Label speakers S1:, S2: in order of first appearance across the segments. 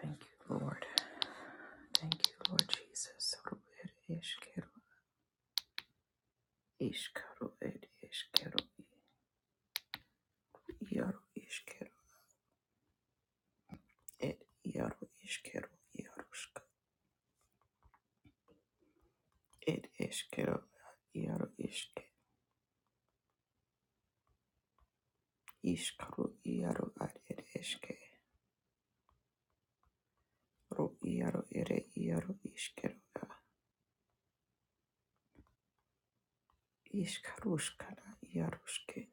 S1: Thank you, Lord. Thank you, Lord Jesus. Ro ed ishkero, ishkaro ed ishkero, yaro ishkero, ed yaro ishkero, yaroshka, ed ishkero, yaro ishke, ishkaro, yaro ad ed ishke, ro yaro ere, yaro ishkero, ishkaroshkana, yaroshke,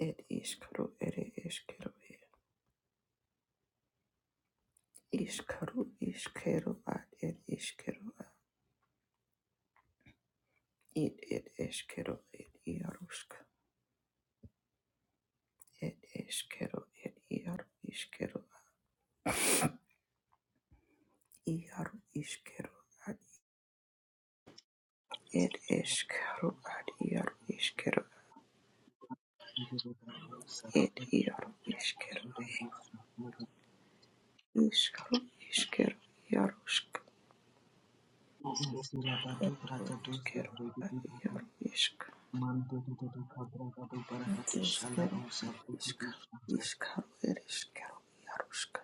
S1: ed ishkaro ere ishkero, ishkaro, ishkero ad ed ishkero, ed ed ishkero, ed yaroshka. Ed eskero, ed iaru iskero, iaru iskero, ad ed
S2: Mazega
S1: eskero, ad iaru iskero, ed iaru iskero, iskaru iskero, iaru sk- eskero, ad iaru isk, ed eskero, ad iskaru, iskaru, ed iskero, iaru sk,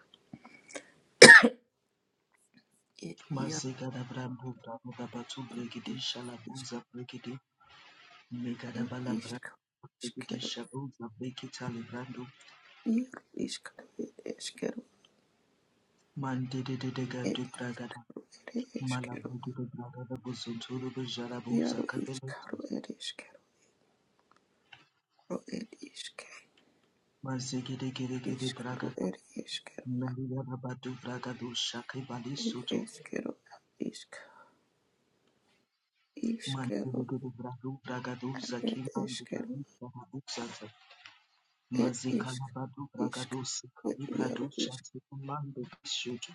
S1: ed iaru, iaru isk, ed iskaru, iskero,
S2: Brigitisha Rosa Brigitali Brando
S1: iaru iskaru, ed eskero,
S2: Mandede de Dega
S1: ed
S2: de Bragada
S1: iskaru, ed eskero,
S2: Malabrudu de Bragada Bosontoro de Jarabuza
S1: Iaro
S2: Cabello
S1: iskaro ed iskero ro ed iske
S2: Mazigede
S1: iskaro
S2: bragada,
S1: ed iskero
S2: Maria Badu bragadu shaki bali
S1: ed
S2: sutu,
S1: eskero ad isk iskero
S2: Mandigede bradu bragadu
S1: ad
S2: zaki
S1: ed
S2: mandu
S1: eskero
S2: bali shaha uksata,
S1: ed
S2: Mazikala
S1: isk
S2: badu
S1: isk
S2: bragadu
S1: ed
S2: sikali bradu
S1: iaro isk
S2: shati mandu bishutu,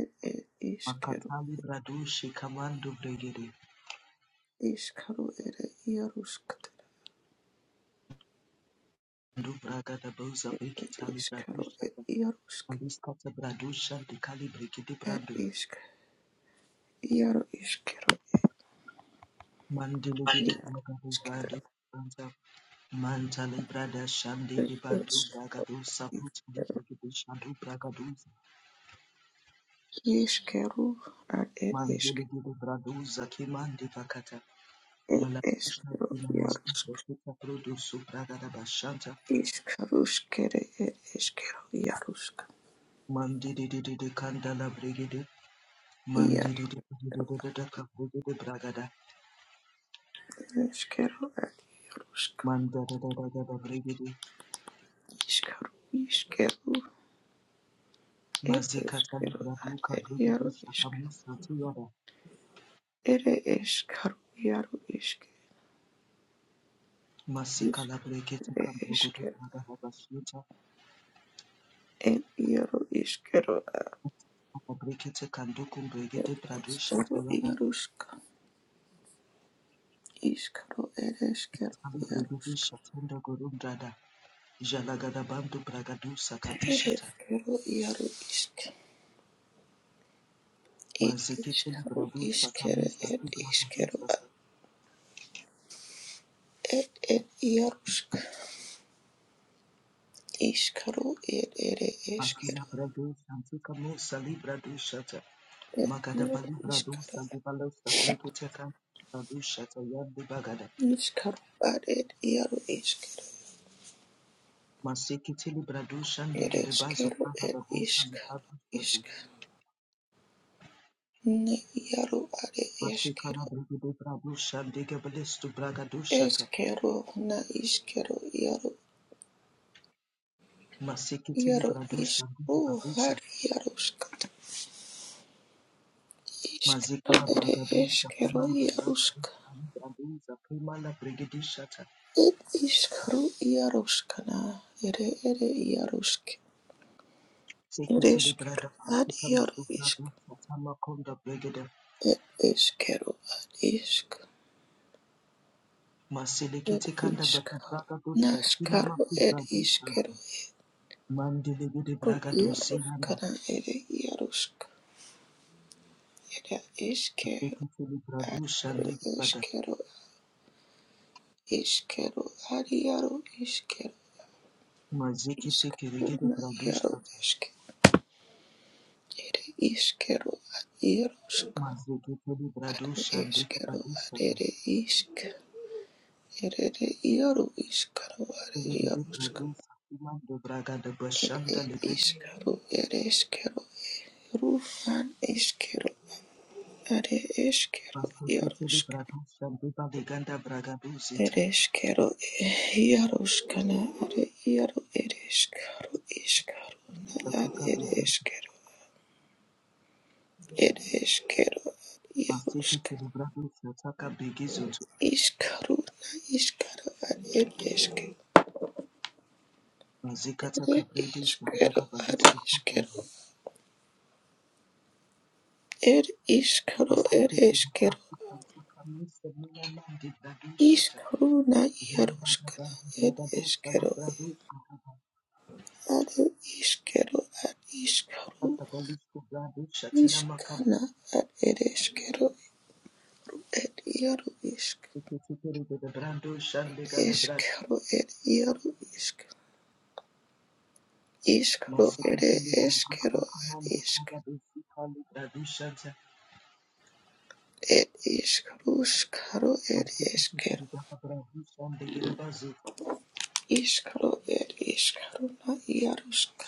S1: ed ed iskero
S2: Makatali bradu shikamandu bregede,
S1: iskaro ed iaro skt
S2: Mandu bragada boza
S1: ed
S2: bekitali bradu
S1: iskaro ed
S2: shata,
S1: iaro sk
S2: Aliskata bradu shanti kali bregede
S1: ed
S2: bradu,
S1: isk iaro iskero
S2: Mandiligede
S1: iaro
S2: bragadu
S1: iskero
S2: bradu, Branta Mantale brada shande
S1: ed
S2: de bandu
S1: isk
S2: bragado sabut libre de shandu bragaduz
S1: iskero ad ed isk
S2: mandele de braduz akimande vakata
S1: ed
S2: malakushna
S1: eskero
S2: fila mastu
S1: iaro
S2: pekita produ subragada bashanta
S1: Iškaruškere ir iškeru jaruška.
S2: mandede de de de de kandala brigede
S1: Ir
S2: mandede de de de de de de de kabrede de bragada
S1: iškeru atruška.
S2: mandada da da da da brigede
S1: Iškaru iskero ir
S2: mazikata
S1: iškeru
S2: bradu
S1: ar ir
S2: kabrede de
S1: jaru iške.
S2: shakamu satiyada
S1: Ir iškaru jaru iške.
S2: masikala
S1: Iškere
S2: brigede kambrogo de
S1: iškeru.
S2: bragada bashanta
S1: Ir jaru iškeru ar
S2: Brekete kandukum bregete bradu
S1: iškeru
S2: shatayaba
S1: jaruška. Iškaru ir iškeru
S2: ali bregudu
S1: jaruška.
S2: shatunda gorum brada jalagada bandu bragadu
S1: Ir
S2: sakabi shata
S1: iškeru jaru iške. Ir
S2: mazekete li
S1: iškaru
S2: bradu sakamu
S1: iškere ir
S2: satu bragadu
S1: iškeru
S2: sa
S1: ar ir Iskaro ed ere
S2: asila
S1: eshkeru
S2: bradu santi kamu sali bradu shata
S1: ed
S2: magada
S1: yaru
S2: bali bradu
S1: iskaro
S2: sali balo sa brekete kan bradu shata yandi bagada
S1: iskaro ad ed yaru ishkeru
S2: masekete li bradu shande
S1: ed
S2: gede bazu
S1: eshkeru
S2: bahada
S1: ed
S2: bunta li
S1: iskaro
S2: bradu shata
S1: ishkaru ne yaru ad
S2: masekala
S1: eshkeru
S2: bregudu bradu shande gebelestu bragadu shata
S1: eshkeru na ishkeru yaru
S2: Masekete
S1: yaru
S2: libradusa
S1: iskaro
S2: gudu
S1: har
S2: badusa,
S1: yaru shkata
S2: mazeka
S1: iskaro
S2: la
S1: ere
S2: bragadusa, kama
S1: eshkeru
S2: la
S1: yaru shka
S2: bragadusa, libradusa, kama la brigadishata,
S1: ed ishkaru yaru shkana ere ere yaru shke ed
S2: sekete
S1: eshkeru
S2: librada
S1: ad
S2: afrika
S1: yaru
S2: masubradusa, tama konda brigada,
S1: It is Kero at Isk. It
S2: maselekete kanda
S1: is
S2: batu bragadusa, tina
S1: Naskaro
S2: maku
S1: at
S2: bradusha,
S1: Iskero. et
S2: mandele gudu
S1: Ru
S2: bragadusi yanda,
S1: Yaruskana iarusk. Yarusk. It is Kero
S2: sekete
S1: at
S2: libradusa, ndegibada,
S1: Iskero. Iskero at Yaru Iskero.
S2: mazekete kirigede
S1: Iskuna iaru
S2: bradusata,
S1: Isk. It is Kero at iarusk.
S2: mazekete
S1: At
S2: libradusa,
S1: Iskero at
S2: ndegibadusata,
S1: It Isk. It is Yaru Iskaro at
S2: Legede
S1: iarusk.
S2: Brado Sakuma de Braga de
S1: It
S2: Bashanda Lebre
S1: is Kero. It is Kero Rufan iskero are eskero
S2: Master Ketele
S1: iarosk
S2: Brado Shandeba Leganda Bragado Zeta
S1: ereskero iaroskana are iaro ereskaro iskaruna ad
S2: Sataka Bizuntu
S1: ereskero ereskero ad
S2: Master
S1: iarosk
S2: Ketele Brado Sataka Begizuntu
S1: iskaruna iskaro ad ereske
S2: Mazikata
S1: ere
S2: Cabrede
S1: iskero
S2: Shandaga
S1: ad
S2: Balisco Brado
S1: iskero er iskaro
S2: Master Ketele
S1: ereskero
S2: Brado Sataka Mr. Milaman de Brado Shata
S1: iskaruna
S2: Jandaba
S1: iaroskana
S2: Bragado Sali
S1: ereskero
S2: Brado Shata
S1: ad iskero ad iskaro
S2: Sata Balisco Brado Shatina Makam
S1: Ishkana ad ereshkero ed iaro ishk.
S2: Ketele Brado Shandega Lebra
S1: Eshkero ed iaro ishk. Ishkro
S2: Masika
S1: ere eshkero ad ishk. Ed ishkrushkaro ed eshkero. Ishkro ed ishkaro na iarushk.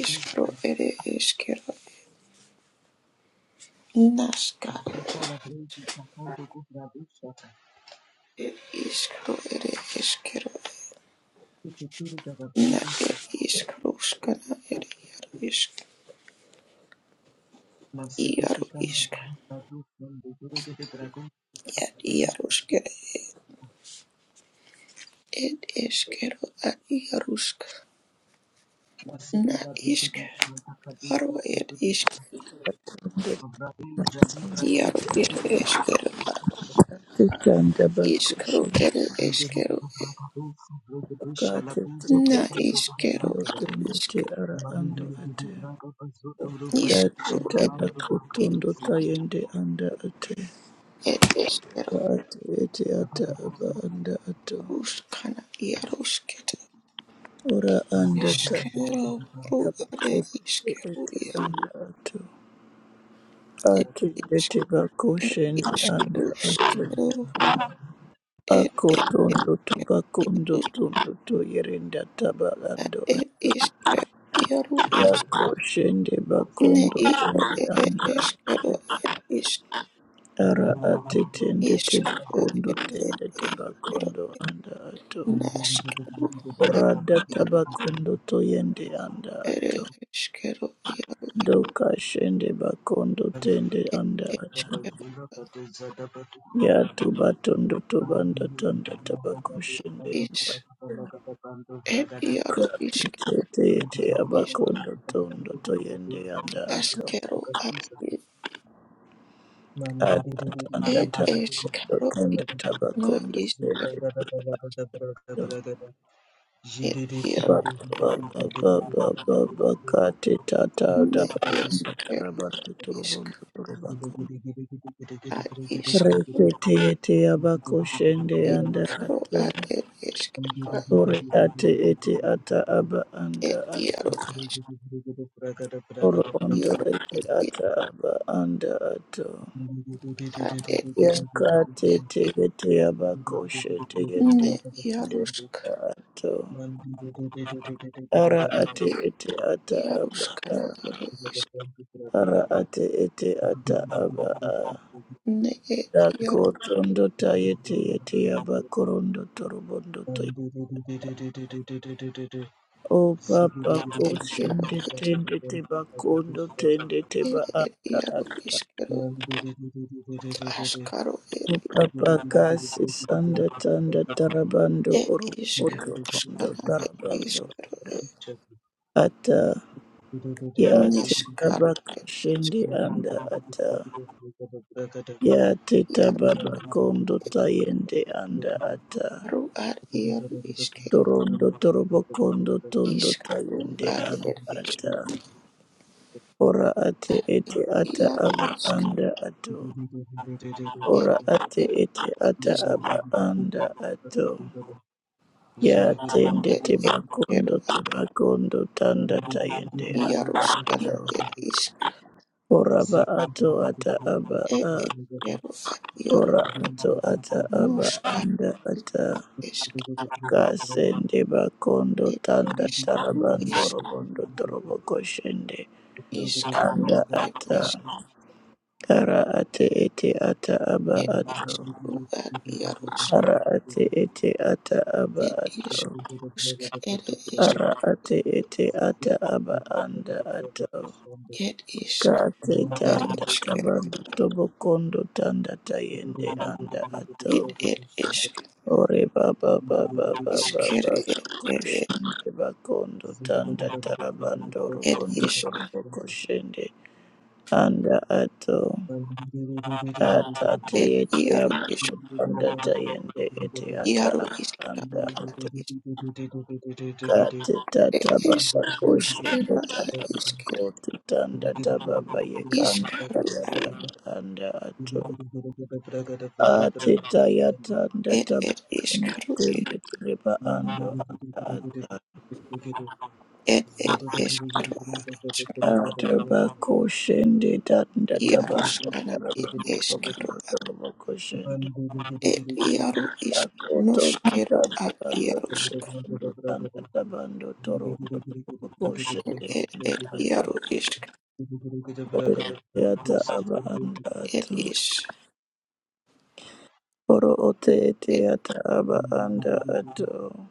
S1: Ishkro ere eshkero nashkaro ed ishkro ere eshkero na ed ishkrushkana ed iaro ishk. Iaro ishk. Ed iaru ed eskero ad iarusk na isk aro ed isk iaro ed eskero ad
S3: Tikanda
S1: iskro
S3: bakushe
S1: ed
S2: Bandele
S1: eskero ed
S3: kate tete
S1: na iskero
S3: tindo
S1: ad
S3: tende
S1: isk
S3: te ara ando ate date
S1: iskro ed
S3: tabaku tondo
S1: isk
S3: tayende anda ate
S1: ed eskero
S3: ora ate ete ata aba anda ato
S1: ruskana iarusket
S3: ora anda ta ete
S1: eskero ru ad
S3: yabaku
S1: iskero
S3: ete
S1: iaro
S3: anda ato
S1: ed
S3: ate
S1: isk
S3: ete
S1: ed
S3: bakushe anda ato
S1: iskruskero ed
S3: ako
S1: ed
S3: tondo tobakundo
S1: iarus
S3: tondo to yerenda
S1: ad
S3: tabalando
S1: ed isk iaru isk.
S3: yakoshende
S1: Ne
S3: bakondo
S1: iru
S3: tende
S1: ere
S3: anda
S1: eskero ed isk
S3: ara atetende
S1: iskru
S3: tebakondo
S1: ed
S3: tende
S1: eskero
S3: tebakondo anda ato
S1: naskeru ad
S3: orada
S1: iru
S3: tabakondo toyende anda
S1: ere
S3: ato
S1: eskero iru
S3: dokashende bakondo tende
S1: ed
S3: anda ato
S1: eskero
S3: ya yatu batondo tobanda tanda tabakoshende
S1: is ed iru isk
S3: katitete
S2: Zigga
S3: yete
S1: is
S3: abakondo tondo toyende anda ato
S1: askero ad id
S3: ata tanda tabakondo
S1: eskero
S3: tende
S1: iru na
S3: tabakondo
S1: iskero
S3: tende
S1: ed
S3: ba
S1: iru
S3: ba ba ba ba ba ba ka ta ta da
S1: ne
S3: ba
S1: eskero
S3: raba te turubu
S1: isk
S3: turuba ko
S1: ad
S3: re
S1: iskru
S3: te te aba ko shende anda
S1: iskru
S3: ato
S1: ad ed eskero ad
S3: ore ate ete ata aba anda
S1: ed
S3: ato
S1: iru
S3: oro ondo
S1: Iaro
S3: ete
S1: ir
S3: ata aba anda ato
S2: Thank
S1: ar ir
S3: ya
S1: is
S3: ka te
S1: ir
S3: te te aba ko shete yende
S1: ne
S3: ende
S1: iarusk
S3: ato ara
S1: ne
S3: ate
S1: is
S3: ete ata aba
S1: iaruskana ir is
S3: ara ate ete ata aba
S1: ne ir iaru
S3: Dakotondo tayete yete yabakorondo torobondo to o papa
S1: ir iaru
S3: koshende tende te bakondo tende te
S1: ir
S3: ba
S1: ir
S3: ata
S1: iaru
S3: ata
S1: iskero askaro ir
S3: o papa kasi sanda tanda tarabando
S1: ir
S3: oro
S1: isk
S3: ondo ondo
S1: skana ir
S3: tarabando
S1: iskero ir
S2: you.
S3: ata
S2: Thank you.
S3: ya te
S1: niskaro
S3: tabaka
S1: ir is
S3: shende anda ata ya te tababa kondo tayende anda ata
S1: iaru ar iaru iske
S3: Torondo torobo kondo tondo
S1: iskaru
S3: tayende
S1: ar
S3: anda
S1: ir is
S3: Ora ate
S1: ar ir
S3: ete ata
S1: iaru
S3: aba
S1: isk
S3: anda ato.
S1: ir
S3: Ora ate
S1: iskero
S3: ete ata
S1: is
S3: aba anda ato. Ya tende
S1: ir
S3: teba
S1: iskero
S3: kondo teba kondo tanda tayende
S1: Yaruskana
S3: ato.
S1: er isk
S3: Ora ba ato ata aba
S1: er
S3: a.
S1: eskero at yaru
S3: Ora ato ata aba
S1: noska
S3: anda ata.
S1: esk
S3: Kasende ba kondo
S1: er
S3: tanda
S2: Thank
S1: eskru
S3: tarabando
S1: isk
S3: robondo torobo koshende.
S1: iskru
S3: anda
S1: er
S3: ata
S1: esk
S3: kara ate ete ata aba
S1: er
S3: ato
S1: iskru at yarus
S3: kara ate ete ata aba
S1: er
S3: ato
S1: isk usk er isk
S3: kara ate ete ata aba anda ato
S1: er isk
S3: kate
S1: er
S3: tanda
S1: eskero
S3: tabanda tobo kondo tanda tayende anda
S1: it
S3: ato
S1: er isk
S3: ore baba baba baba
S1: isker
S3: baba
S1: er er
S3: kushende bakondo tanda tarabando
S1: er
S3: robondo
S1: isk
S3: tobo koshende anda ato ata te
S1: er
S3: ete
S1: yaru isk
S3: abakutanda tayende ete ata
S1: yaru
S3: akanda
S1: iskaru at
S3: ate
S1: isk
S2: you.
S3: kate
S1: er
S3: tata baba
S2: Zugu
S1: iskaru
S3: koshende
S1: skero at
S3: tata
S1: iskero
S3: bakote tanda tababa yekanda
S1: iskaru
S3: tayata bakanda ato ate tayatanda
S1: Ed ed
S3: tabakunda
S1: iskero ed
S3: tembe tereba ando anda ata
S1: ed ed iskero ad isk
S3: ata bakoshende tanda tabanda
S1: iaruskana ed
S3: tarabanda
S1: iskero
S3: tabanda tarabakoshende
S1: ed iaru isk
S3: Takoto
S1: noskero ad
S3: Tadabando
S1: iarusk
S3: Tokondo Tadabando Torondo Tokoshe
S1: ed ed
S3: Kato
S1: iaru isk
S3: Ore Teata Aba Anda
S1: ed
S3: Ato
S1: is
S3: Oro Ote
S1: ed
S3: Teata Aba Anda Ato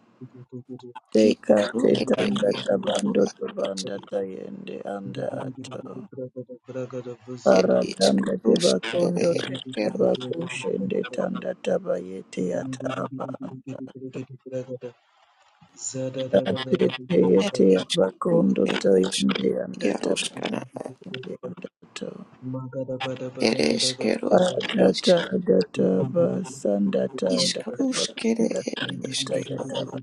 S3: Teka
S1: iskero
S2: Zada
S1: ed
S3: Tetanda
S1: iskero
S3: Tabando
S1: ad isk
S3: Tabanda Tayende Anda Ato
S1: ed
S3: Ara
S1: isk
S3: Tanda
S1: rus ed
S3: Tebakondo
S1: iskero
S3: Tetabakushende Tanda Tabayete Ata Aba Anda Tete
S1: ed
S3: Yete
S1: iskero
S3: Abakondo
S1: ed is
S3: Tayende Anda
S1: iaruskana ad
S3: Adata
S1: ed iskero ad isk
S3: adata ba sandata ndata ba
S1: iskaruskere ed
S3: ndata ndata
S1: iskero
S3: yata ba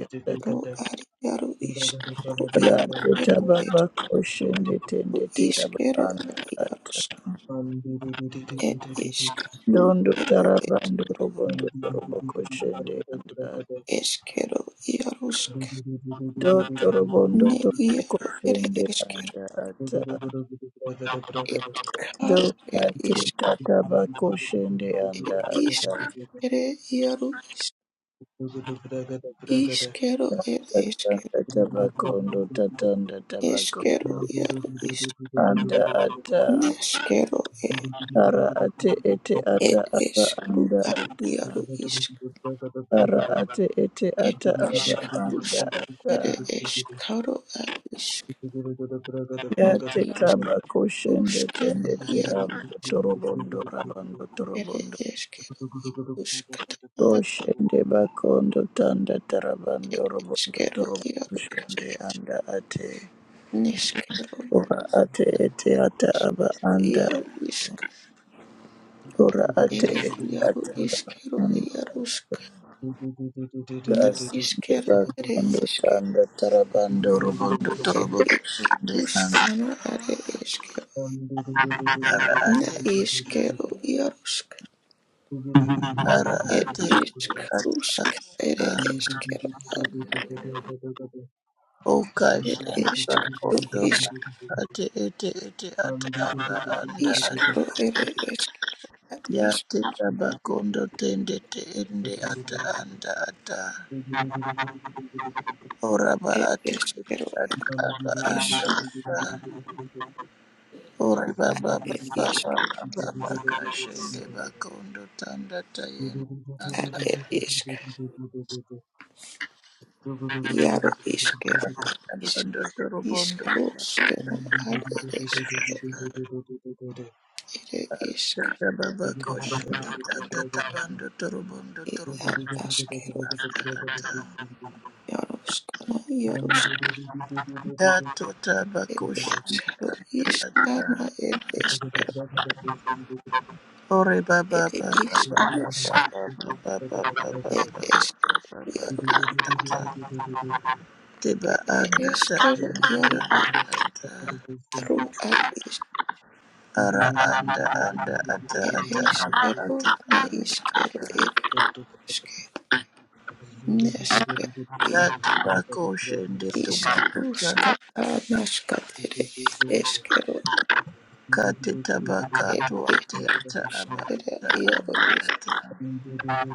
S3: ndata
S1: ro ari iaro iskero iaro ed
S3: radata ba ba
S1: eskero
S3: koshende
S1: Ru
S3: tende tira ba
S1: iskero ad
S3: andata
S1: iarosk ed iskero
S3: dondo
S1: ed
S3: taraba
S1: esk
S2: Bragada, Bragada,
S3: ndorobondo torobo koshende andata
S1: eskero iarosk
S3: do torobondo
S1: ne
S3: torobo
S1: iaro ed
S3: koshende
S1: eskero
S3: andata
S1: ed
S3: do
S1: karo ed
S3: pati
S1: isk
S3: tata ba koshende
S1: ed
S3: andata
S1: iskere iaro isk iskero ed
S3: tata
S1: eskero
S3: tata ba kondo tata ndata ba
S1: eskero
S3: kondo
S1: iaro isk
S3: anda ata
S1: neskero ed
S3: ara ate ete ata
S1: ed
S3: aba
S1: eskero
S3: anda
S1: ad
S3: ata
S1: iaro
S3: ara ate ete
S1: It
S3: ata
S1: is
S3: aba anda
S1: Kusk,
S3: ata
S1: it is Karo at Isk,
S2: Bragada,
S3: ya
S1: Ni
S3: te
S1: is
S2: Bragada,
S3: kaba koshende
S1: Kusker,
S2: Thank you.
S3: tende
S1: Yaro,
S3: tirabo torobondo rabando
S1: it
S3: torobondo
S1: is Keruskata,
S3: koshende bakondo tanda tarabando
S1: it is
S3: robondo
S1: Kero,
S3: torobo
S1: Yaro,
S3: koshende anda ate
S1: Niskero,
S3: ora ate ete ata aba anda
S1: Yaro Isk,
S3: ora ate
S1: it is
S3: ete
S1: Yaro
S3: ata
S1: Iskero,
S3: aba
S1: Yarusk, Na
S3: Gas the
S1: Iskero,
S3: gas
S1: it
S3: and the
S1: is
S3: and the tarabando robondo
S1: it
S3: torobo
S1: is
S3: the and
S1: Kuskana, it is Kero,
S3: ara
S1: Na
S3: ate
S1: Iskero, Yarusk,
S3: ara
S1: it
S3: ate
S1: is
S3: at
S1: Kusk, it is Kero.
S3: okash
S1: It
S3: and
S1: is Karu
S3: rakondo
S1: is
S3: ate ete ete ate ara anda
S1: is
S3: at
S1: Karu it is at is
S3: yate tabakondo tende tende ata anda ata oraba
S1: it
S3: ate
S1: is Karu
S3: ate
S2: Thank
S3: ata anda
S1: is
S3: ata. Ore baba
S1: it
S3: baba
S1: is
S3: baba baba kashende bakondo tanda tayende
S1: at
S3: anda
S1: it is Yaro is Karu is
S3: Tabando
S1: is
S3: torobondo
S1: Karu
S3: sakata
S1: Skera at it is Karu it is
S3: tata baba kosho
S1: Karu
S3: tata
S2: you.
S3: tabando torobondo
S1: it at
S3: torobondo
S1: Askero
S3: tata
S1: Yaro Skana Yaro
S3: tato taba
S1: it
S3: kosho
S1: is Karu is
S3: tata
S1: Kana
S3: tata
S1: it is Karu
S3: ore baba
S1: it
S3: baba
S1: is
S3: baba
S1: Karu
S3: baba baba baba
S1: it
S3: baba
S1: is
S3: baba
S1: Yaro
S3: tata teba
S1: it
S3: anda
S1: is
S3: tata
S1: Karu Yaro is
S3: tata
S1: Karu at is
S3: ara anda anda ata ata anda
S1: ereshkigal,
S3: ata anda
S1: naishkigal,
S3: ata
S1: ereshkigal, neshkigal,
S3: tata bako shende
S1: ishkarushkata, nashkatere, ereshkigal,
S3: Kati tabaka
S1: ereshkigal,
S3: tuwate ata aba ata
S1: yaro
S3: aba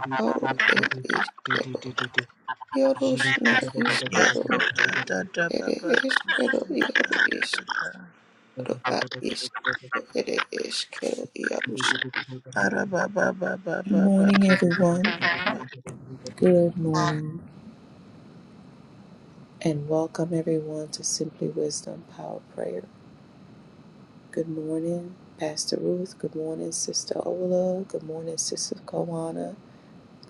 S1: ishkaro, ereshkigal, yarosh, naishkigal,
S3: tata baba
S1: ereshkigal,
S3: kusunda
S1: yaro
S3: aba ata.
S1: ishkaro, aishkigal, ereshkigal, yarosh. Good morning, everyone. Good morning, and welcome everyone to Simply Wisdom Power Prayer. Good morning, Pastor Ruth. Good morning, Sister Ola. Good morning, Sister Kawana.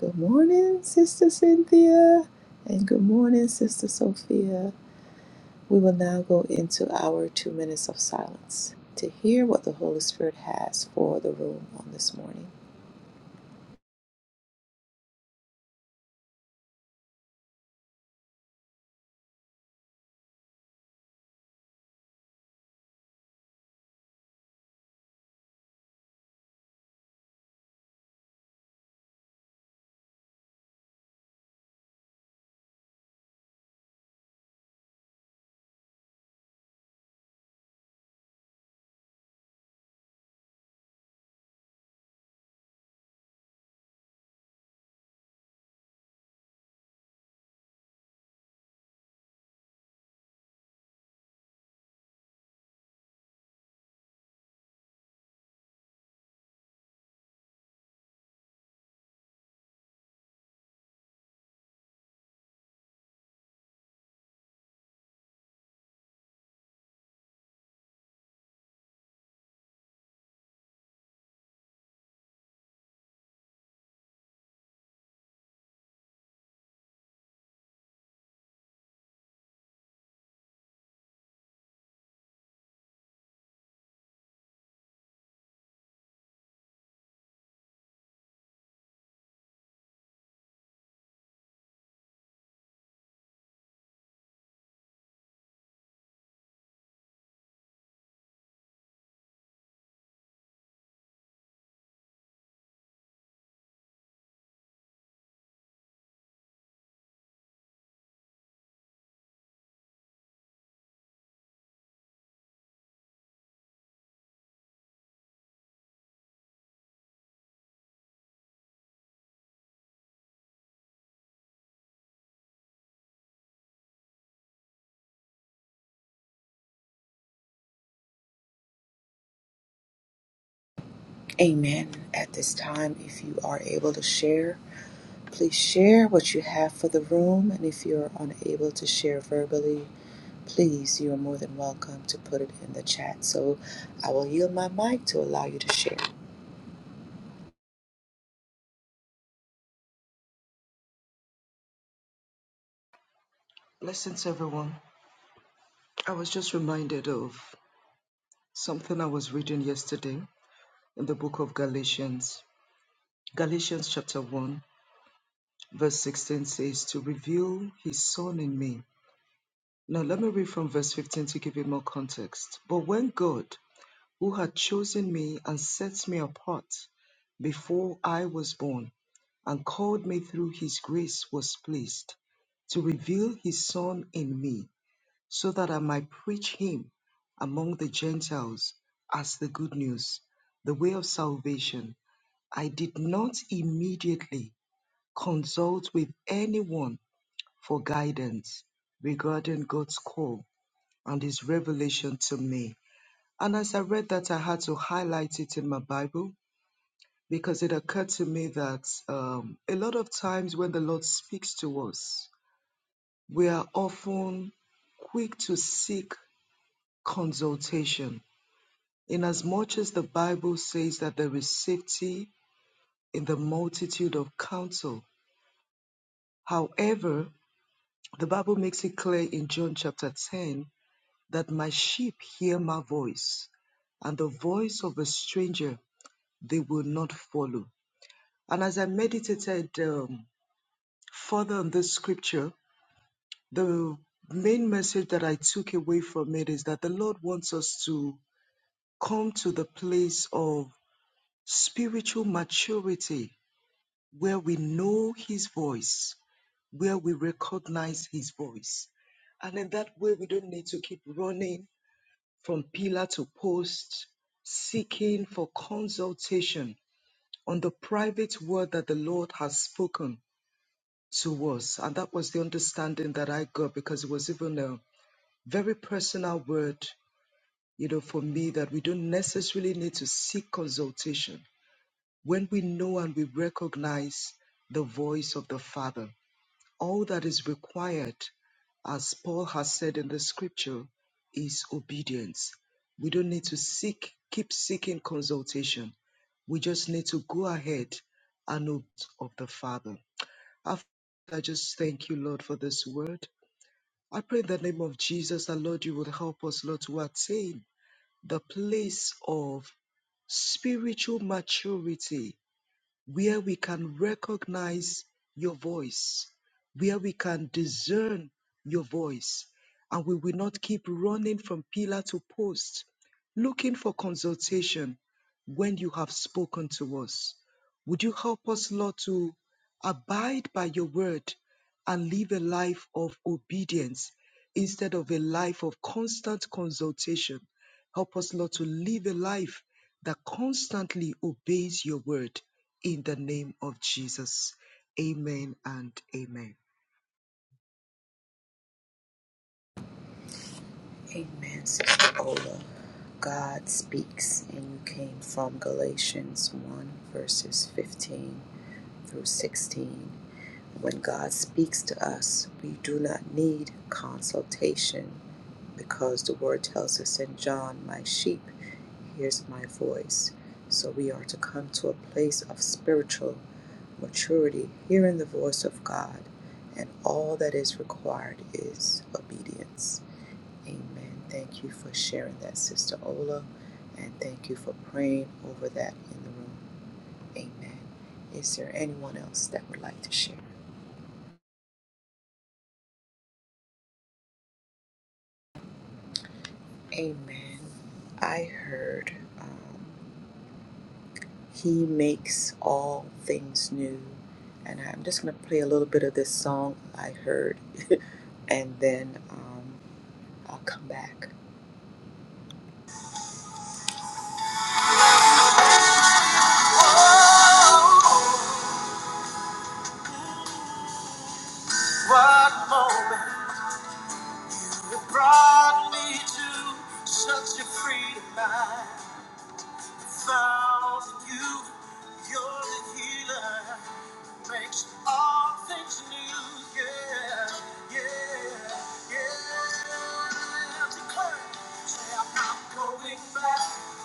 S1: Good morning, Sister Cynthia. And good morning, Sister Sophia. We will now go into our two minutes of silence to hear what the Holy Spirit has for the room on this morning. Amen. At this time, if you are able to share, please share what you have for the room. And if you're unable to share verbally, please, you are more than welcome to put it in the chat. So I will yield my mic to allow you to share.
S2: Blessings, everyone. I was just reminded of something I was reading yesterday in the book of Galatians. Galatians chapter 1, verse 16 says, To reveal his son in me. Now, let me read from verse 15 to give you more context. But when God, who had chosen me and set me apart before I was born, and called me through his grace, was pleased to reveal his son in me so that I might preach him among the Gentiles as the good news, the way of salvation. I did not immediately consult with anyone for guidance regarding God's call and his revelation to me. And as I read that, I had to highlight it in my Bible because it occurred to me that um, a lot of times when the Lord speaks to us, we are often quick to seek consultation Inasmuch as the Bible says that there is safety in the multitude of counsel, however, the Bible makes it clear in John chapter 10 that my sheep hear my voice, and the voice of a stranger they will not follow. And as I meditated um, further on this scripture, the main message that I took away from it is that the Lord wants us to come to the place of spiritual maturity where we know His voice, where we recognize His voice. And in that way, we don't need to keep running from pillar to post, seeking for consultation on the private word that the Lord has spoken to us. And that was the understanding that I got because it was even a very personal word, you know, for me that we don't necessarily need to seek consultation when we know and we recognize the voice of the Father. All that is required, as Paul has said in the scripture, is obedience. We don't need to seek, keep seeking consultation. We just need to go ahead and obey of the Father. Our Father, I just thank you, Lord, for this word. I pray in the name of Jesus that, Lord, you would help us, Lord, to attain the place of spiritual maturity where we can recognize your voice, where we can discern your voice, and we will not keep running from pillar to post, looking for consultation when you have spoken to us. Would you help us, Lord, to abide by your word and live a life of obedience instead of a life of constant consultation? Help us, Lord, to live a life that constantly obeys your word in the name of Jesus. Amen and amen.
S1: Amen, Sister Ola. God speaks, and you came from Galatians 1, verses 15 through 16. When God speaks to us, we do not need consultation because the word tells us in John, My sheep hears my voice. So we are to come to a place of spiritual maturity, hearing the voice of God, and all that is required is obedience. Amen. Thank you for sharing that, Sister Ola, and thank you for praying over that in the room. Amen. Is there anyone else that would like to share? Amen. I heard. Um, He makes all things new. And I'm just going to play a little bit of this song I heard, and then um, I'll come back. Oh, What moment brought me to such a freedom? mind? Found in you, you're the healer. Makes all things new. Yeah, yeah, yeah. Declare, say I'm not going back,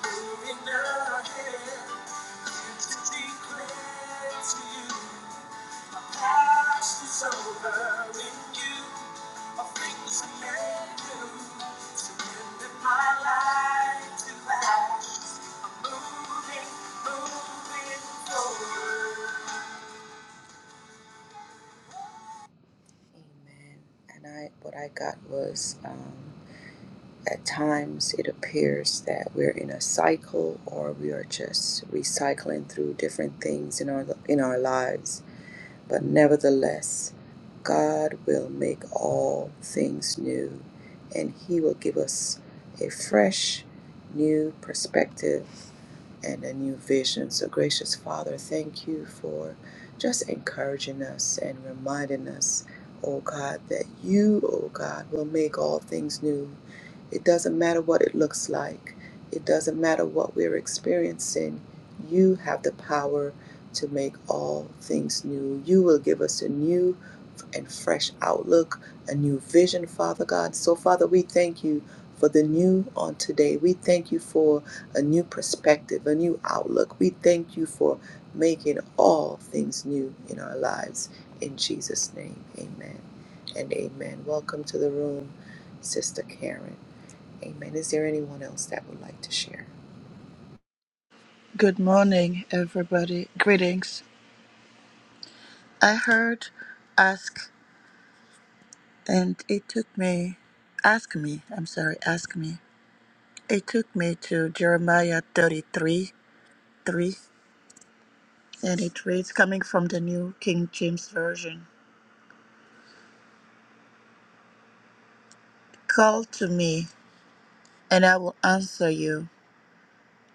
S1: moving ahead. To declare to you. My past is over with you. My fingers can do. Surrender my life to Christ. I'm moving, moving forward. Amen. And I, what I got was, um, at times it appears that we're in a cycle, or we are just recycling through different things in our in our lives. But nevertheless, God will make all things new, and He will give us a fresh, new perspective and a new vision. So, gracious Father, thank you for just encouraging us and reminding us, oh God, that you, oh God, will make all things new. It doesn't matter what it looks like, it doesn't matter what we're experiencing. You have the power to make all things new. You will give us a new and fresh outlook, a new vision, Father God. So, Father, we thank you for the new on today. We thank you for a new perspective, a new outlook. We thank you for making all things new in our lives. In Jesus' name, amen and amen. Welcome to the room, Sister Karen. Amen. Is there anyone else that would like to share?
S3: Good morning, everybody. Greetings. I heard ask and it took me, ask me, I'm sorry, ask me. It took me to Jeremiah 33 3, and it reads coming from the New King James Version Call to me, and I will answer you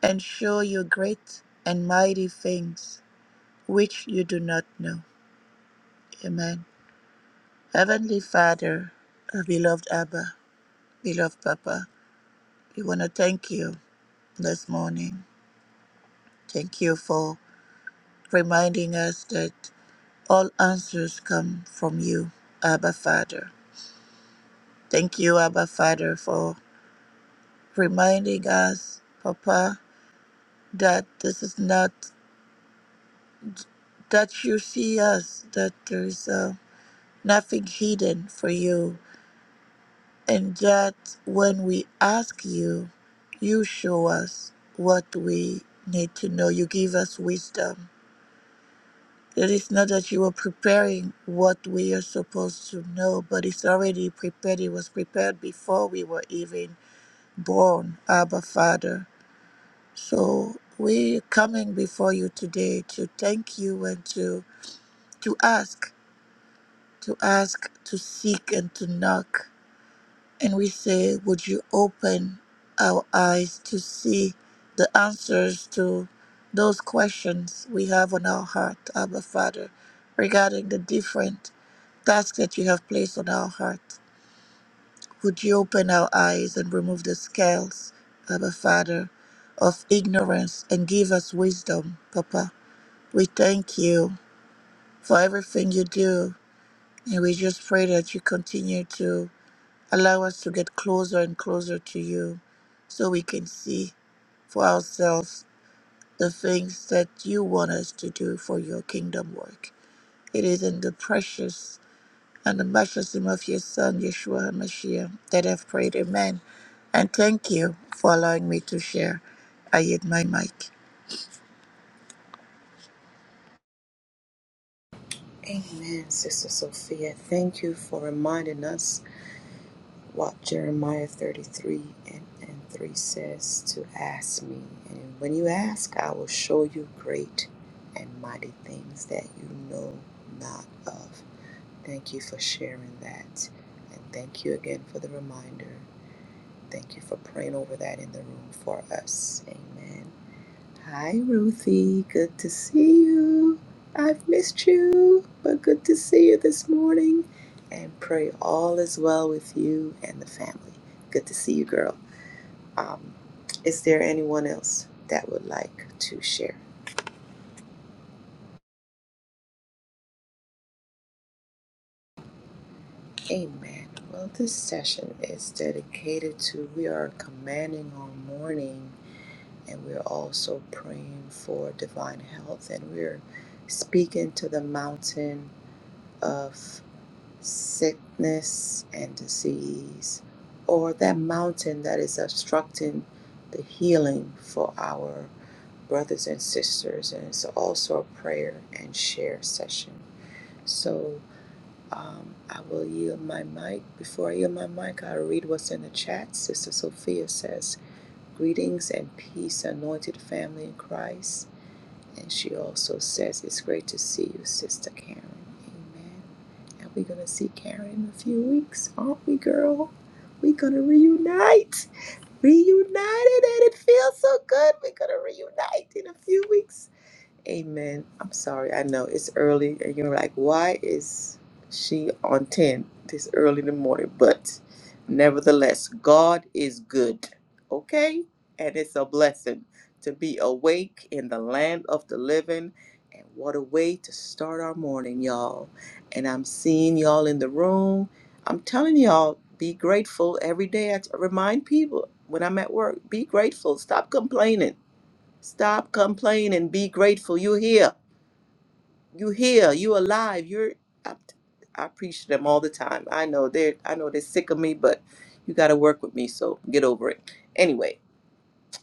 S3: and show you great and mighty things which you do not know. Amen. Heavenly Father, our beloved Abba, beloved Papa, we want to thank you this morning. Thank you for reminding us that all answers come from you, Abba Father. Thank you, Abba Father, for reminding us, Papa, that this is not, that you see us, that there is uh, nothing hidden for you And yet, when we ask you, you show us what we need to know. You give us wisdom. It is not that you are preparing what we are supposed to know, but it's already prepared. It was prepared before we were even born, Abba Father. So we're coming before you today to thank you and to, to ask, to ask, to seek, and to knock And we say, Would you open our eyes to see the answers to those questions we have on our heart, Abba Father, regarding the different tasks that you have placed on our heart? Would you open our eyes and remove the scales, Abba Father, of ignorance and give us wisdom, Papa? We thank you for everything you do, and we just pray that you continue to. Allow us to get closer and closer to you so we can see for ourselves the things that you want us to do for your kingdom work. It is in the precious and the matchless name of your Son, Yeshua HaMashiach, that I've prayed. Amen. And thank you for allowing me to share. I hit my mic.
S1: Amen, Sister Sophia. Thank you for reminding us what Jeremiah 33 and, and 3 says to ask me. And when you ask, I will show you great and mighty things that you know not of. Thank you for sharing that. And thank you again for the reminder. Thank you for praying over that in the room for us. Amen. Hi, Ruthie. Good to see you. I've missed you, but good to see you this morning. And pray all is well with you and the family. Good to see you, girl. Um, is there anyone else that would like to share? Amen. Well, this session is dedicated to we are commanding our morning, and we're also praying for divine health, and we're speaking to the mountain of. sickness and disease, or that mountain that is obstructing the healing for our brothers and sisters. And it's also a prayer and share session. So um, I will yield my mic. Before I yield my mic, I'll read what's in the chat. Sister Sophia says, Greetings and peace, anointed family in Christ. And she also says, It's great to see you, Sister Karen. Amen. And we're gonna see Karen in a few weeks, aren't we, girl? We're gonna reunite. Reunited and it feels so good. We're gonna reunite in a few weeks. Amen. I'm sorry. I know it's early, and you're like, why is she on 10 this early in the morning? But nevertheless, God is good. Okay? And it's a blessing to be awake in the land of the living. And what a way to start our morning, y'all. And I'm seeing y'all in the room. I'm telling y'all, be grateful every day. I t- remind people when I'm at work, be grateful. Stop complaining Stop complaining. Be grateful. You're here. You're here. You're alive. You're. I, I preach to them all the time. I know they're. I know they're sick of me, but you got to work with me. So get over it. Anyway,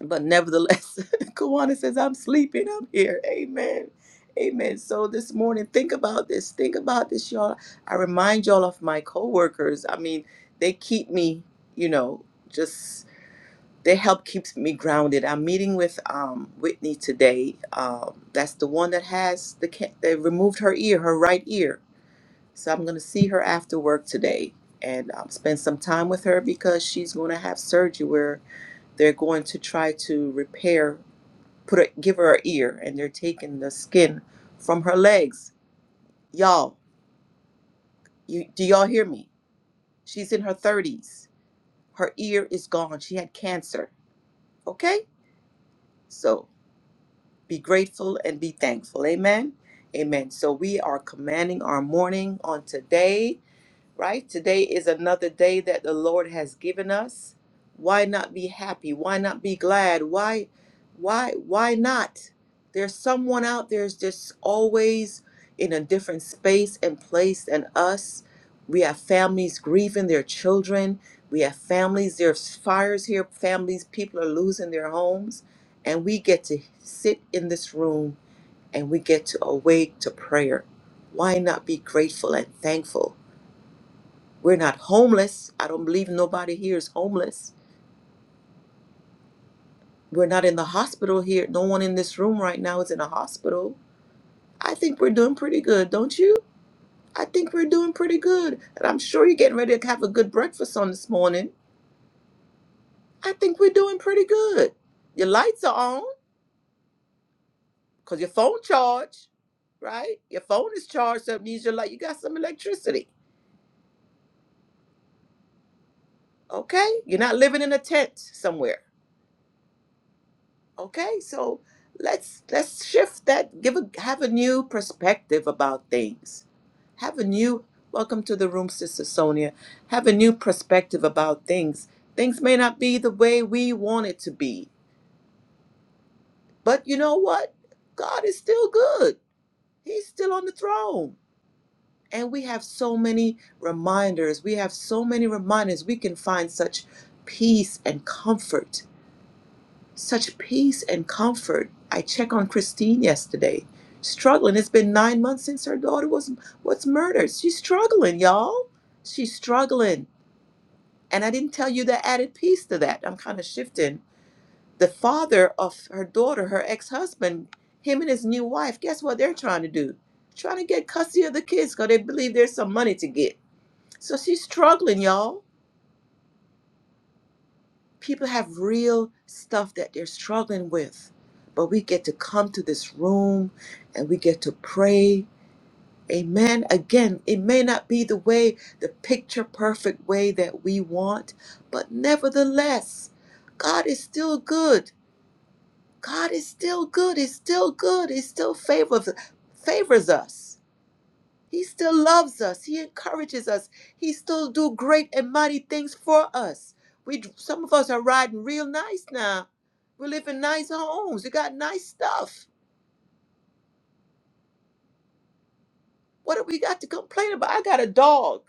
S1: but nevertheless, Kawana says I'm sleeping. I'm here. Amen. Amen. So this morning, think about this. Think about this, y'all. I remind y'all of my coworkers. I mean, they keep me. You know, just their help keeps me grounded. I'm meeting with um, Whitney today. Um, that's the one that has the ca- they removed her ear, her right ear. So I'm going to see her after work today and um, spend some time with her because she's going to have surgery where they're going to try to repair, put a, give her an ear, and they're taking the skin from her legs. Y'all, you do y'all hear me? She's in her 30s. Her ear is gone. She had cancer. Okay, so be grateful and be thankful. Amen. Amen. So we are commanding our morning on today right? Today is another day that the Lord has given us. Why not be happy? Why not be glad? Why why why not? There's someone out there's just always in a different space and place than us. We have families grieving their children. We have families, there's fires here, families, people are losing their homes. And we get to sit in this room and we get to awake to prayer. Why not be grateful and thankful? We're not homeless. I don't believe nobody here is homeless. We're not in the hospital here. No one in this room right now is in a hospital. I think we're doing pretty good, don't you? I think we're doing pretty good. And I'm sure you're getting ready to have a good breakfast on this morning. I think we're doing pretty good. Your lights are on because your phone charged, right? Your phone is charged, so it means your light. You got some electricity, okay? You're not living in a tent somewhere Okay, so let's let's shift that. Give a have a new perspective about things. Have a new welcome to the room, Sister Sonia. Have a new perspective about things. Things may not be the way we want it to be, but you know what? God is still good. He's still on the throne. And we have so many reminders. We have so many reminders. We can find such peace and comfort Such peace and comfort. I check on Christine yesterday, struggling. It's been nine months since her daughter was was murdered. She's struggling, y'all. She's struggling. And I didn't tell you the added piece to that. I'm kind of shifting. The father of her daughter, her ex-husband, him and his new wife, guess what they're trying to do? Trying to get custody of the kids because they believe there's some money to get. So she's struggling, y'all. people have real stuff that they're struggling with but we get to come to this room and we get to pray amen again it may not be the way the picture perfect way that we want but nevertheless god is still good god is still good he's still good he still favors favors us he still loves us. He encourages us. He still do great and mighty things for us. We some of us are riding real nice now. We live in nice homes. We got nice stuff. What do we got to complain about? I got a dog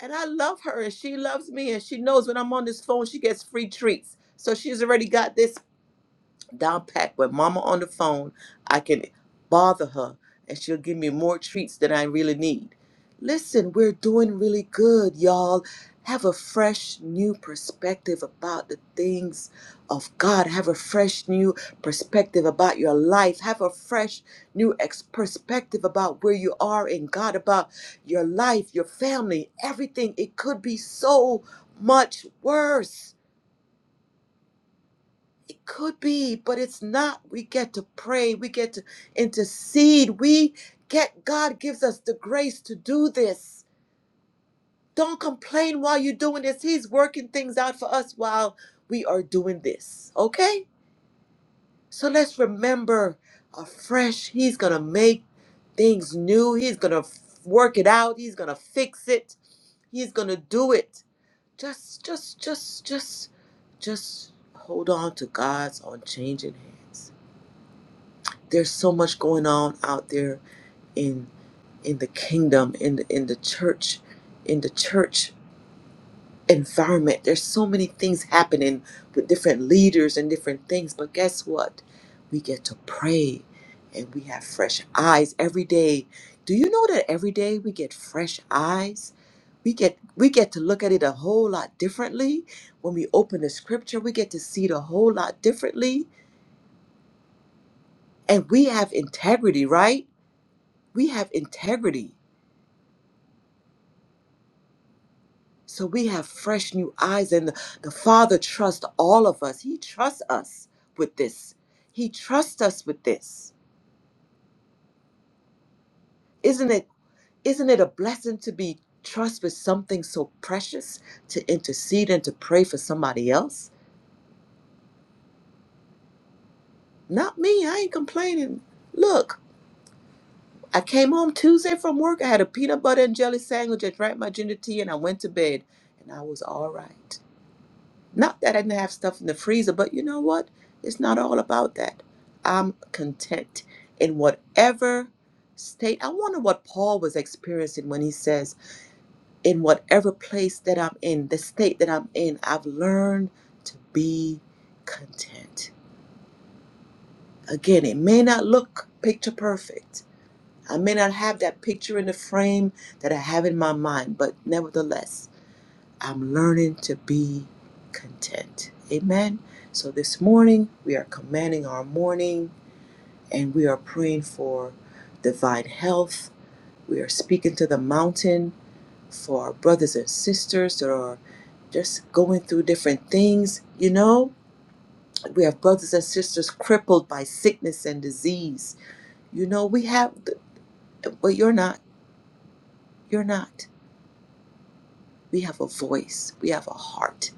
S1: and I love her and she loves me and she knows when I'm on this phone she gets free treats. So she's already got this down pat with mama on the phone i can bother her and she'll give me more treats than i really need listen we're doing really good y'all have a fresh new perspective about the things of god have a fresh new perspective about your life have a fresh new ex- perspective about where you are in god about your life your family everything it could be so much worse could be, but it's not. We get to pray, we get to intercede. We get, God gives us the grace to do this. Don't complain while you're doing this. He's working things out for us while we are doing this, okay? So let's remember afresh, He's gonna make things new. He's gonna work it out. He's gonna fix it. He's gonna do it. Just, just, just, just, just hold on to God's unchanging hands. There's so much going on out there in in the kingdom, in the, in the church, in the church environment. There's so many things happening with different leaders and different things. But guess what? We get to pray and we have fresh eyes every day. Do you know that every day we get fresh eyes? We get we get to look at it a whole lot differently. When we open the scripture, we get to see it a whole lot differently. And we have integrity, right? we have integrity. So we have fresh new eyes, and the, the Father trusts all of us. He trusts us with this. He trusts us with this. Isn't it? Isn't it a blessing to be trusted with something so precious to intercede and to pray for somebody else? Not me. I ain't complaining. Look, I came home Tuesday from work. I had a peanut butter and jelly sandwich. I drank my ginger tea, and I went to bed, and I was all right. Not that I didn't have stuff in the freezer, but you know what? It's not all about that. I'm content in whatever state. I wonder what Paul was experiencing when he says, in whatever place that I'm in, the state that I'm in, I've learned to be content. Again, it may not look picture perfect. I may not have that picture in the frame that I have in my mind, but nevertheless, I'm learning to be content. Amen. So this morning, we are commanding our morning and we are praying for divine health. We are speaking to the mountain for our brothers and sisters that are just going through different things. You know, we have brothers and sisters crippled by sickness and disease. You know, we have, but you're not. You're not. We have a voice, we have a heart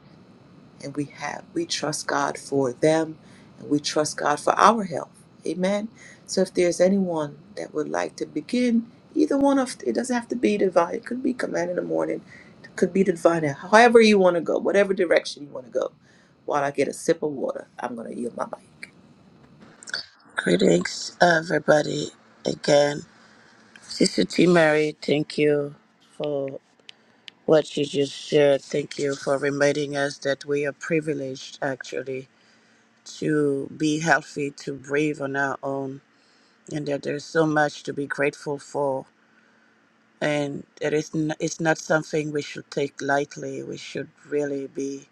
S1: and we have we trust God for them and we trust God for our health. Amen. So if there's anyone that would like to begin either one of it doesn't have to be divine, it could be command in the morning, it could be divine, however you want to go, whatever direction you want to go. While I get a sip of water, I'm gonna yield my mic.
S3: Greetings, everybody, again. Sister T. Mary, thank you for what you just shared. Thank you for reminding us that we are privileged actually to be healthy, to breathe on our own, and that there's so much to be grateful for. And it is n- it's not something we should take lightly. We should really be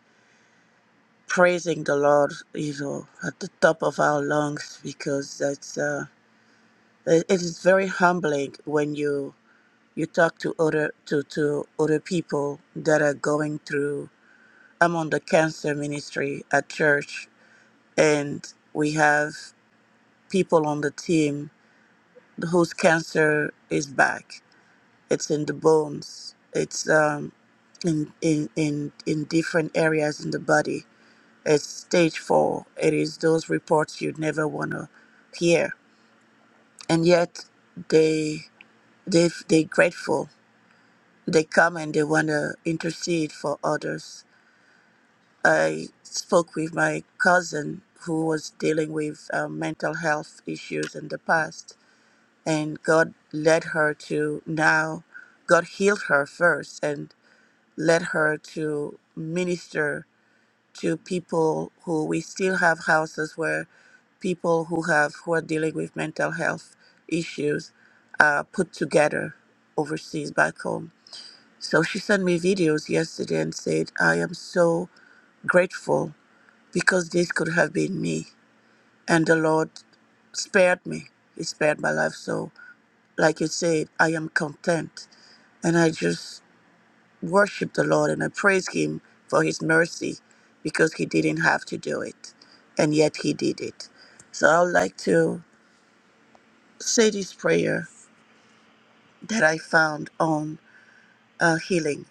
S3: praising the Lord, you know, at the top of our lungs because that's uh, it it is very humbling when you you talk to other to, to other people that are going through I'm on the cancer ministry at church, and we have people on the team whose cancer is back. It's in the bones. It's um, in, in in in different areas in the body. It's stage four. It is those reports you'd never want to hear, and yet they they they grateful. They come and they want to intercede for others I spoke with my cousin who was dealing with uh, mental health issues in the past, and God led her to now, God healed her first and led her to minister to people who we still have houses where people who have who are dealing with mental health issues are put together overseas back home. So she sent me videos yesterday and said, I am so grateful because this could have been me. And the Lord spared me. He spared my life. So, like you said, I am content. And I just worship the Lord and I praise Him for His mercy because He didn't have to do it. And yet He did it. So, I would like to say this prayer that I found on uh, healing.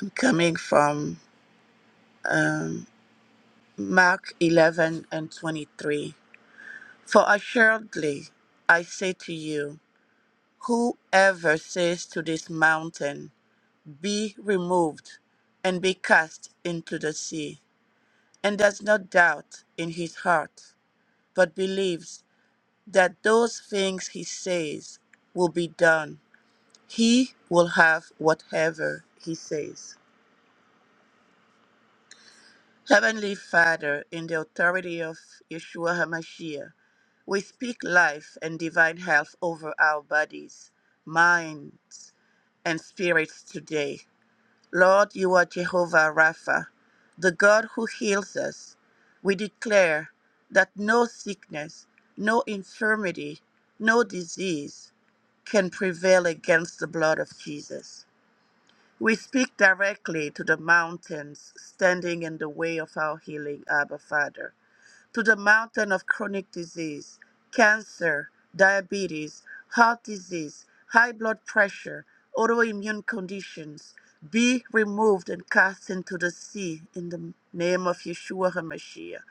S3: I'm coming from um, Mark 11 and 23. For assuredly, I say to you, Whoever says to this mountain, Be removed and be cast into the sea, and does not doubt in his heart, but believes that those things he says will be done, he will have whatever he says. Heavenly Father, in the authority of Yeshua HaMashiach, we speak life and divine health over our bodies, minds, and spirits today. Lord, you are Jehovah Rapha, the God who heals us. We declare that no sickness, no infirmity, no disease can prevail against the blood of Jesus. We speak directly to the mountains standing in the way of our healing, Abba Father to the mountain of chronic disease, cancer, diabetes, heart disease, high blood pressure, autoimmune conditions, be removed and cast into the sea in the name of Yeshua HaMashiach.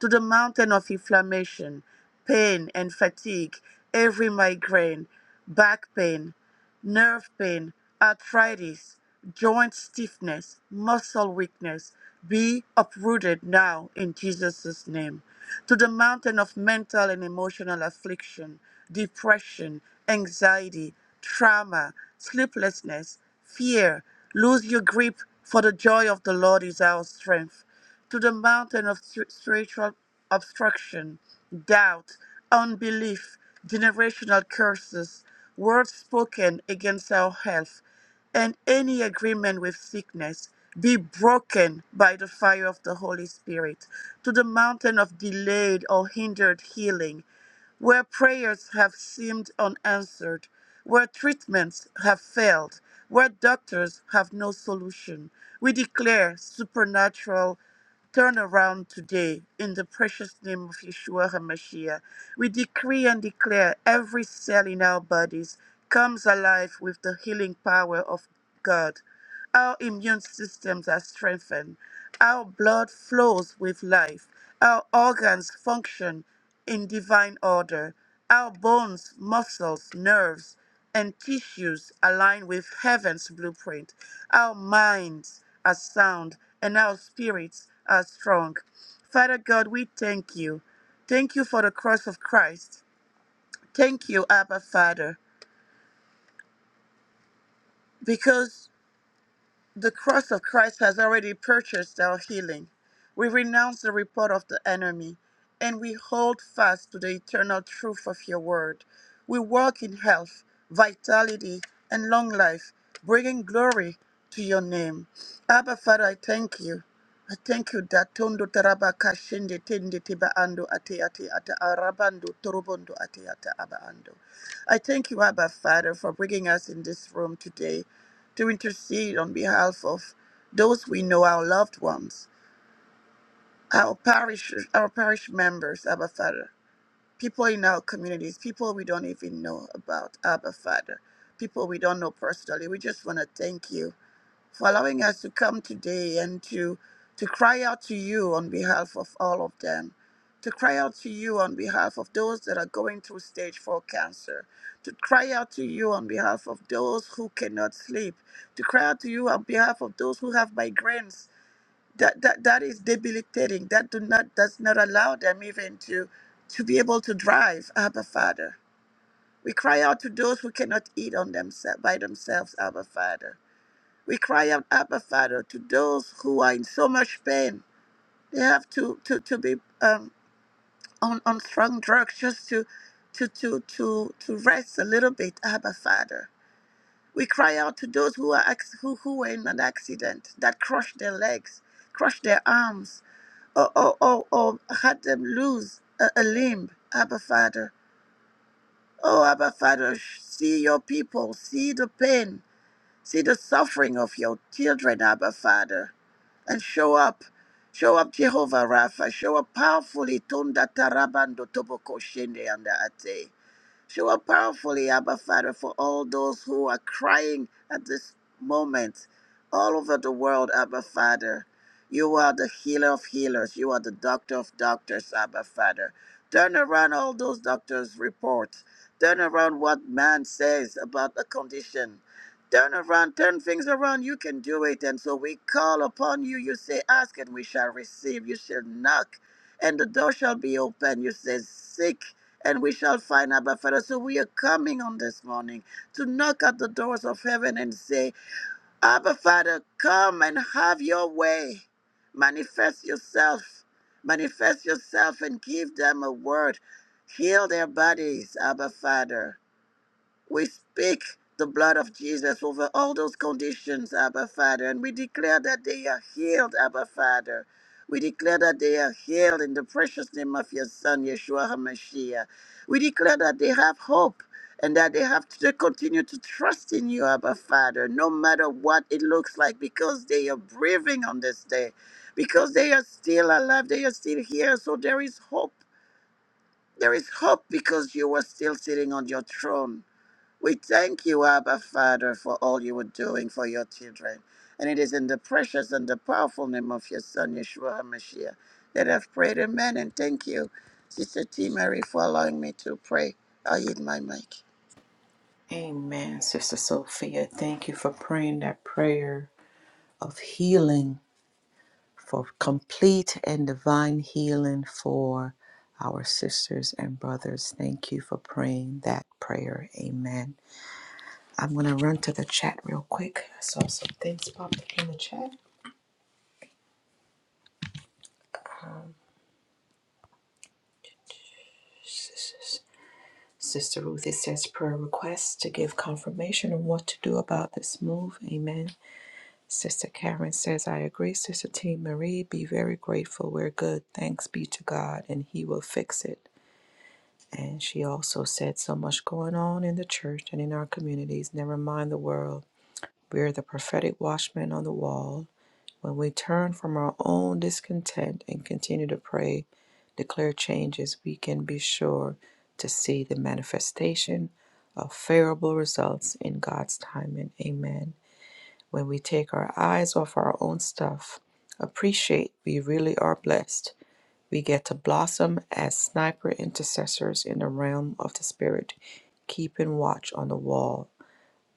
S3: To the mountain of inflammation, pain and fatigue, every migraine, back pain, nerve pain, arthritis, joint stiffness, muscle weakness be uprooted now in Jesus' name. To the mountain of mental and emotional affliction, depression, anxiety, trauma, sleeplessness, fear, lose your grip, for the joy of the Lord is our strength to the mountain of stri- spiritual obstruction, doubt, unbelief, generational curses, words spoken against our health, and any agreement with sickness be broken by the fire of the Holy Spirit, to the mountain of delayed or hindered healing where prayers have seemed unanswered, where treatments have failed, where doctors have no solution. We declare supernatural turnaround today in the precious name of Yeshua HaMashiach. We decree and declare every cell in our bodies comes alive with the healing power of God. Our immune systems are strengthened. Our blood flows with life. Our organs function in divine order. Our bones, muscles, nerves, and tissues align with heaven's blueprint. Our minds are sound and our spirits are strong. Father God, we thank you. Thank you for the cross of Christ. Thank you, Abba Father, because The cross of Christ has already purchased our healing. We renounce the report of the enemy and we hold fast to the eternal truth of your word. We walk in health, vitality, and long life, bringing glory to your name. Abba, Father, I thank you. I thank you that tondo taraba kashende tende tiba ando ate ate ata arabando torobondo ate ata aba ando. I thank you, Abba Father, for bringing us in this room today to intercede on behalf of those we know, our loved ones, our parish, our parish members, Abba Father, people in our communities, people we don't even know about, Abba Father, people we don't know personally. We just want to thank you for allowing us to come today and to to cry out to you on behalf of all of them to cry out to you on behalf of those that are going through stage 4 cancer to cry out to you on behalf of those who cannot sleep to cry out to you on behalf of those who have migraines that that, that is debilitating that do not does not allow them even to to be able to drive abba father we cry out to those who cannot eat on themselves by themselves abba father we cry out, Abba, Father, to those who are in so much pain. They have to, to, to be um, on, on strong drugs just to, to, to, to, to rest a little bit, Abba, Father. We cry out to those who, are, acc- who, who were in an accident that crushed their legs, crushed their arms, or, or, or, or had them lose a, a limb, Abba, Father. Oh, Abba, Father, sh- see your people, see the pain, see the suffering of your children, Abba, Father. and show up. Show up, Jehovah Rapha. Show up powerfully. Tunda tarabando toboko shende anda ate. Show up powerfully, Abba Father, for all those who are crying at this moment all over the world, Abba Father. You are the healer of healers. You are the doctor of doctors, Abba Father. Turn around all those doctors' reports. Turn around what man says about the condition. Turn around, turn things around. You can do it. And so we call upon you. You say, Ask and we shall receive. You shall knock and the door shall be open. You say, Seek and we shall find Abba Father. So we are coming on this morning to knock at the doors of heaven and say, Abba Father, come and have your way. Manifest yourself. Manifest yourself and give them a word. Heal their bodies, Abba Father. We speak the blood of Jesus over all those conditions, Abba Father, and we declare that they are healed, Abba Father. We declare that they are healed in the precious name of your Son, Yeshua HaMashiach. We declare that they have hope and that they have to continue to trust in you, Abba Father, no matter what it looks like, because they are breathing on this day, because they are still alive, they are still here, so there is hope. There is hope because you are still sitting on your throne. We thank you, Abba Father, for all you are doing for your children. And it is in the precious and the powerful name of your Son, Yeshua HaMashiach, that I've prayed. Amen. And thank you, Sister T. Mary, for allowing me to pray. I yield my mic.
S1: Amen, Sister Sophia. Thank you for praying that prayer of healing for complete and divine healing for our sisters and brothers. Thank you for praying that prayer. Amen. I'm going to run to the chat real quick. I saw some things pop up in the chat. Sister Ruth, it says prayer request to give confirmation on what to do about this move. Amen. Sister Karen says, I agree. Sister T. Marie, be very grateful. We're good. Thanks be to God, and He will fix it. And she also said, So much going on in the church and in our communities, never mind the world. We are the prophetic watchmen on the wall. When we turn from our own discontent and continue to pray, declare changes, we can be sure to see the manifestation of favorable results in God's timing. Amen. When we take our eyes off our own stuff, appreciate we really are blessed we get to blossom as sniper intercessors in the realm of the Spirit, keeping watch on the wall.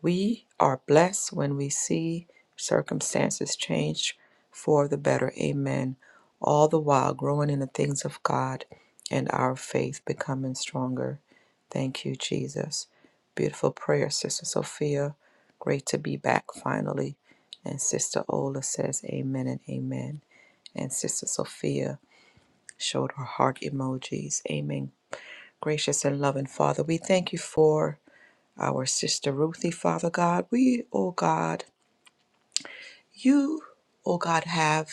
S1: We are blessed when we see circumstances change for the better. Amen. All the while growing in the things of God and our faith becoming stronger. Thank you, Jesus. Beautiful prayer, Sister Sophia. Great to be back finally. And Sister Ola says, Amen and Amen. And Sister Sophia showed her heart emojis. Amen. Gracious and loving Father, we thank you for our sister Ruthie, Father God. We, oh God, you, oh God, have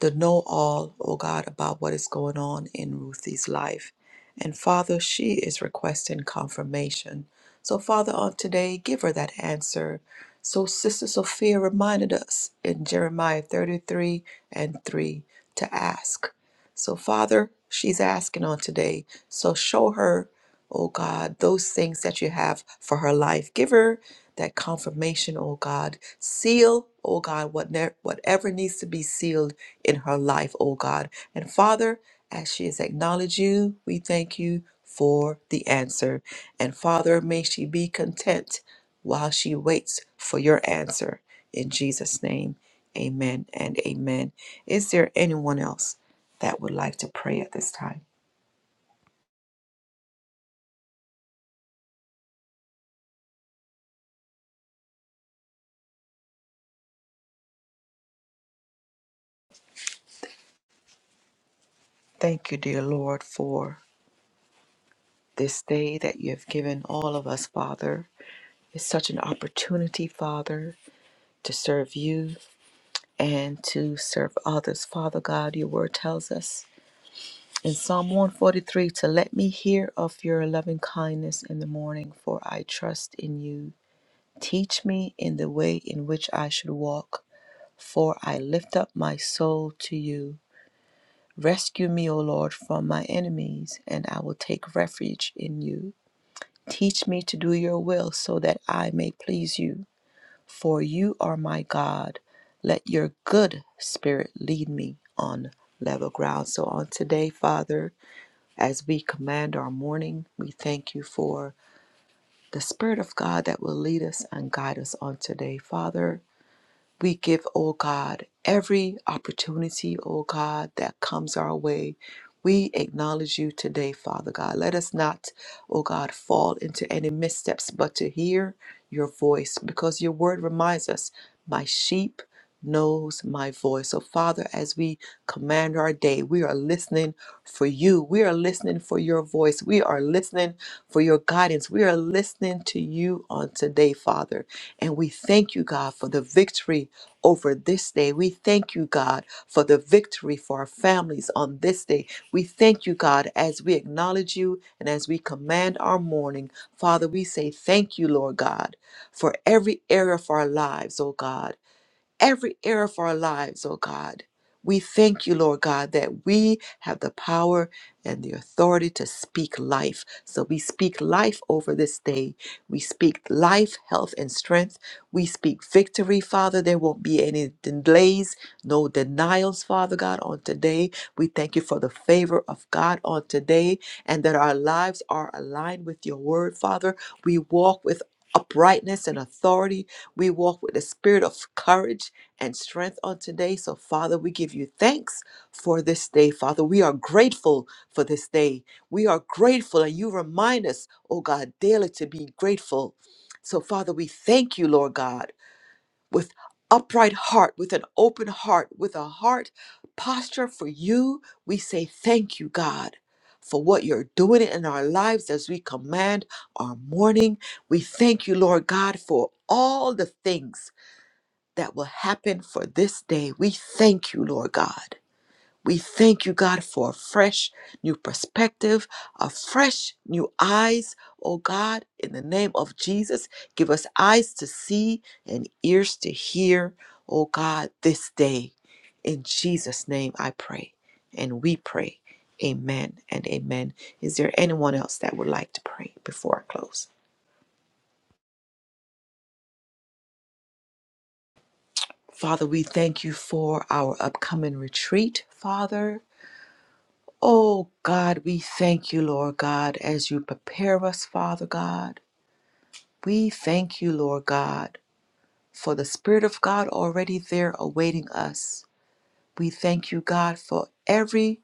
S1: the know all, O God, about what is going on in Ruthie's life. And Father, she is requesting confirmation. So, Father, on today, give her that answer. So, Sister Sophia reminded us in Jeremiah 33 and 3 to ask. So, Father, she's asking on today. So, show her oh God, those things that you have for her life. Give her that confirmation, oh God. Seal, oh God, whatever, whatever needs to be sealed in her life, oh God. And Father, as she has acknowledged you, we thank you for the answer. And Father, may she be content while she waits for your answer. In Jesus' name, amen and amen. Is there anyone else that would like to pray at this time? Thank you, dear Lord, for This day that you have given all of us, Father, is such an opportunity, Father, to serve you and to serve others. Father God, your word tells us in Psalm 143 to let me hear of your loving kindness in the morning, for I trust in you. Teach me in the way in which I should walk, for I lift up my soul to you. Rescue me, O Lord, from my enemies, and I will take refuge in you. Teach me to do your will so that I may please you. For you are my God. Let your good spirit lead me on level ground. So, on today, Father, as we command our morning, we thank you for the Spirit of God that will lead us and guide us on today, Father. We give, O God, every opportunity, O God, that comes our way. We acknowledge you today, Father God. Let us not, O God, fall into any missteps, but to hear your voice, because your word reminds us, my sheep knows my voice. So, Father, as we command our day, we are listening for you. We are listening for your voice. We are listening for your guidance. We are listening to you on today, Father. And we thank you, God, for the victory over this day. We thank you, God, for the victory for our families on this day. We thank you, God, as we acknowledge you and as we command our morning. Father, we say thank you, Lord God, for every area of our lives, oh God every area of our lives, oh God. We thank you, Lord God, that we have the power and the authority to speak life. So we speak life over this day. We speak life, health, and strength. We speak victory, Father. There won't be any delays, no denials, Father God, on today. We thank you for the favor of God on today and that our lives are aligned with your word, Father. We walk with uprightness and authority. We walk with the spirit of courage and strength on today. So, Father, we give you thanks for this day. Father, we are grateful for this day. We are grateful, and you remind us, oh God, daily to be grateful. So, Father, we thank you, Lord God, with upright heart, with an open heart, with a heart posture for you. We say thank you, God. For what you're doing in our lives as we command our morning. We thank you, Lord God, for all the things that will happen for this day. We thank you, Lord God. We thank you, God, for a fresh new perspective, a fresh new eyes. Oh God, in the name of Jesus, give us eyes to see and ears to hear. Oh God, this day. In Jesus' name I pray. And we pray. Amen and amen. Is there anyone else that would like to pray before I close? Father, we thank you for our upcoming retreat, Father. Oh God, we thank you, Lord God, as you prepare us, Father God. We thank you, Lord God, for the Spirit of God already there awaiting us. We thank you, God, for every,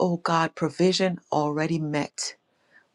S1: oh God, provision already met.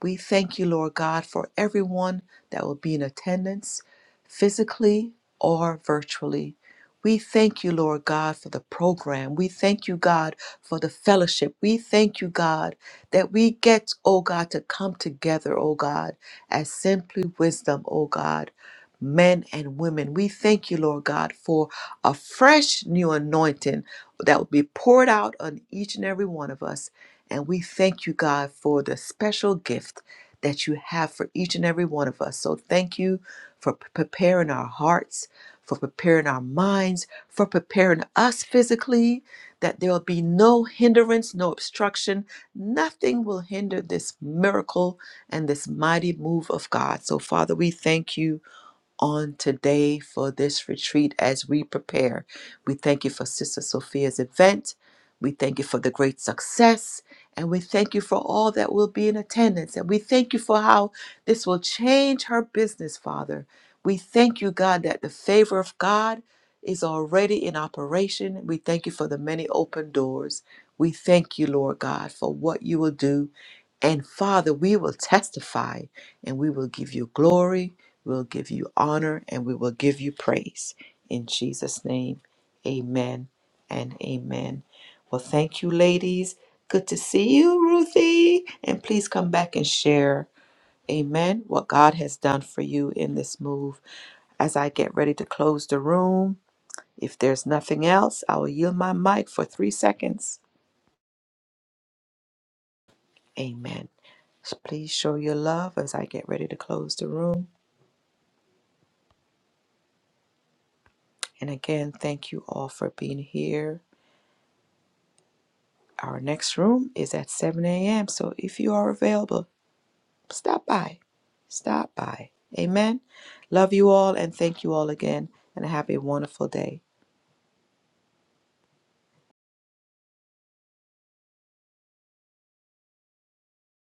S1: We thank you, Lord God, for everyone that will be in attendance, physically or virtually. We thank you, Lord God, for the program. We thank you, God, for the fellowship. We thank you, God, that we get, oh God, to come together, oh God, as simply wisdom, oh God, men and women. We thank you, Lord God, for a fresh new anointing that will be poured out on each and every one of us. And we thank you, God, for the special gift that you have for each and every one of us. So thank you for p- preparing our hearts, for preparing our minds, for preparing us physically, that there will be no hindrance, no obstruction. Nothing will hinder this miracle and this mighty move of God. So, Father, we thank you on today for this retreat as we prepare. We thank you for Sister Sophia's event. We thank you for the great success. And we thank you for all that will be in attendance. And we thank you for how this will change her business, Father. We thank you, God, that the favor of God is already in operation. We thank you for the many open doors. We thank you, Lord God, for what you will do. And Father, we will testify and we will give you glory We'll give you honor and we will give you praise. In Jesus' name, amen and amen. Well, thank you, ladies. Good to see you, Ruthie. And please come back and share, amen, what God has done for you in this move. As I get ready to close the room, if there's nothing else, I will yield my mic for three seconds. Amen. So please show your love as I get ready to close the room. And again, thank you all for being here. Our next room is at 7 a.m. So if you are available, stop by. Stop by. Amen. Love you all and thank you all again and have a wonderful day.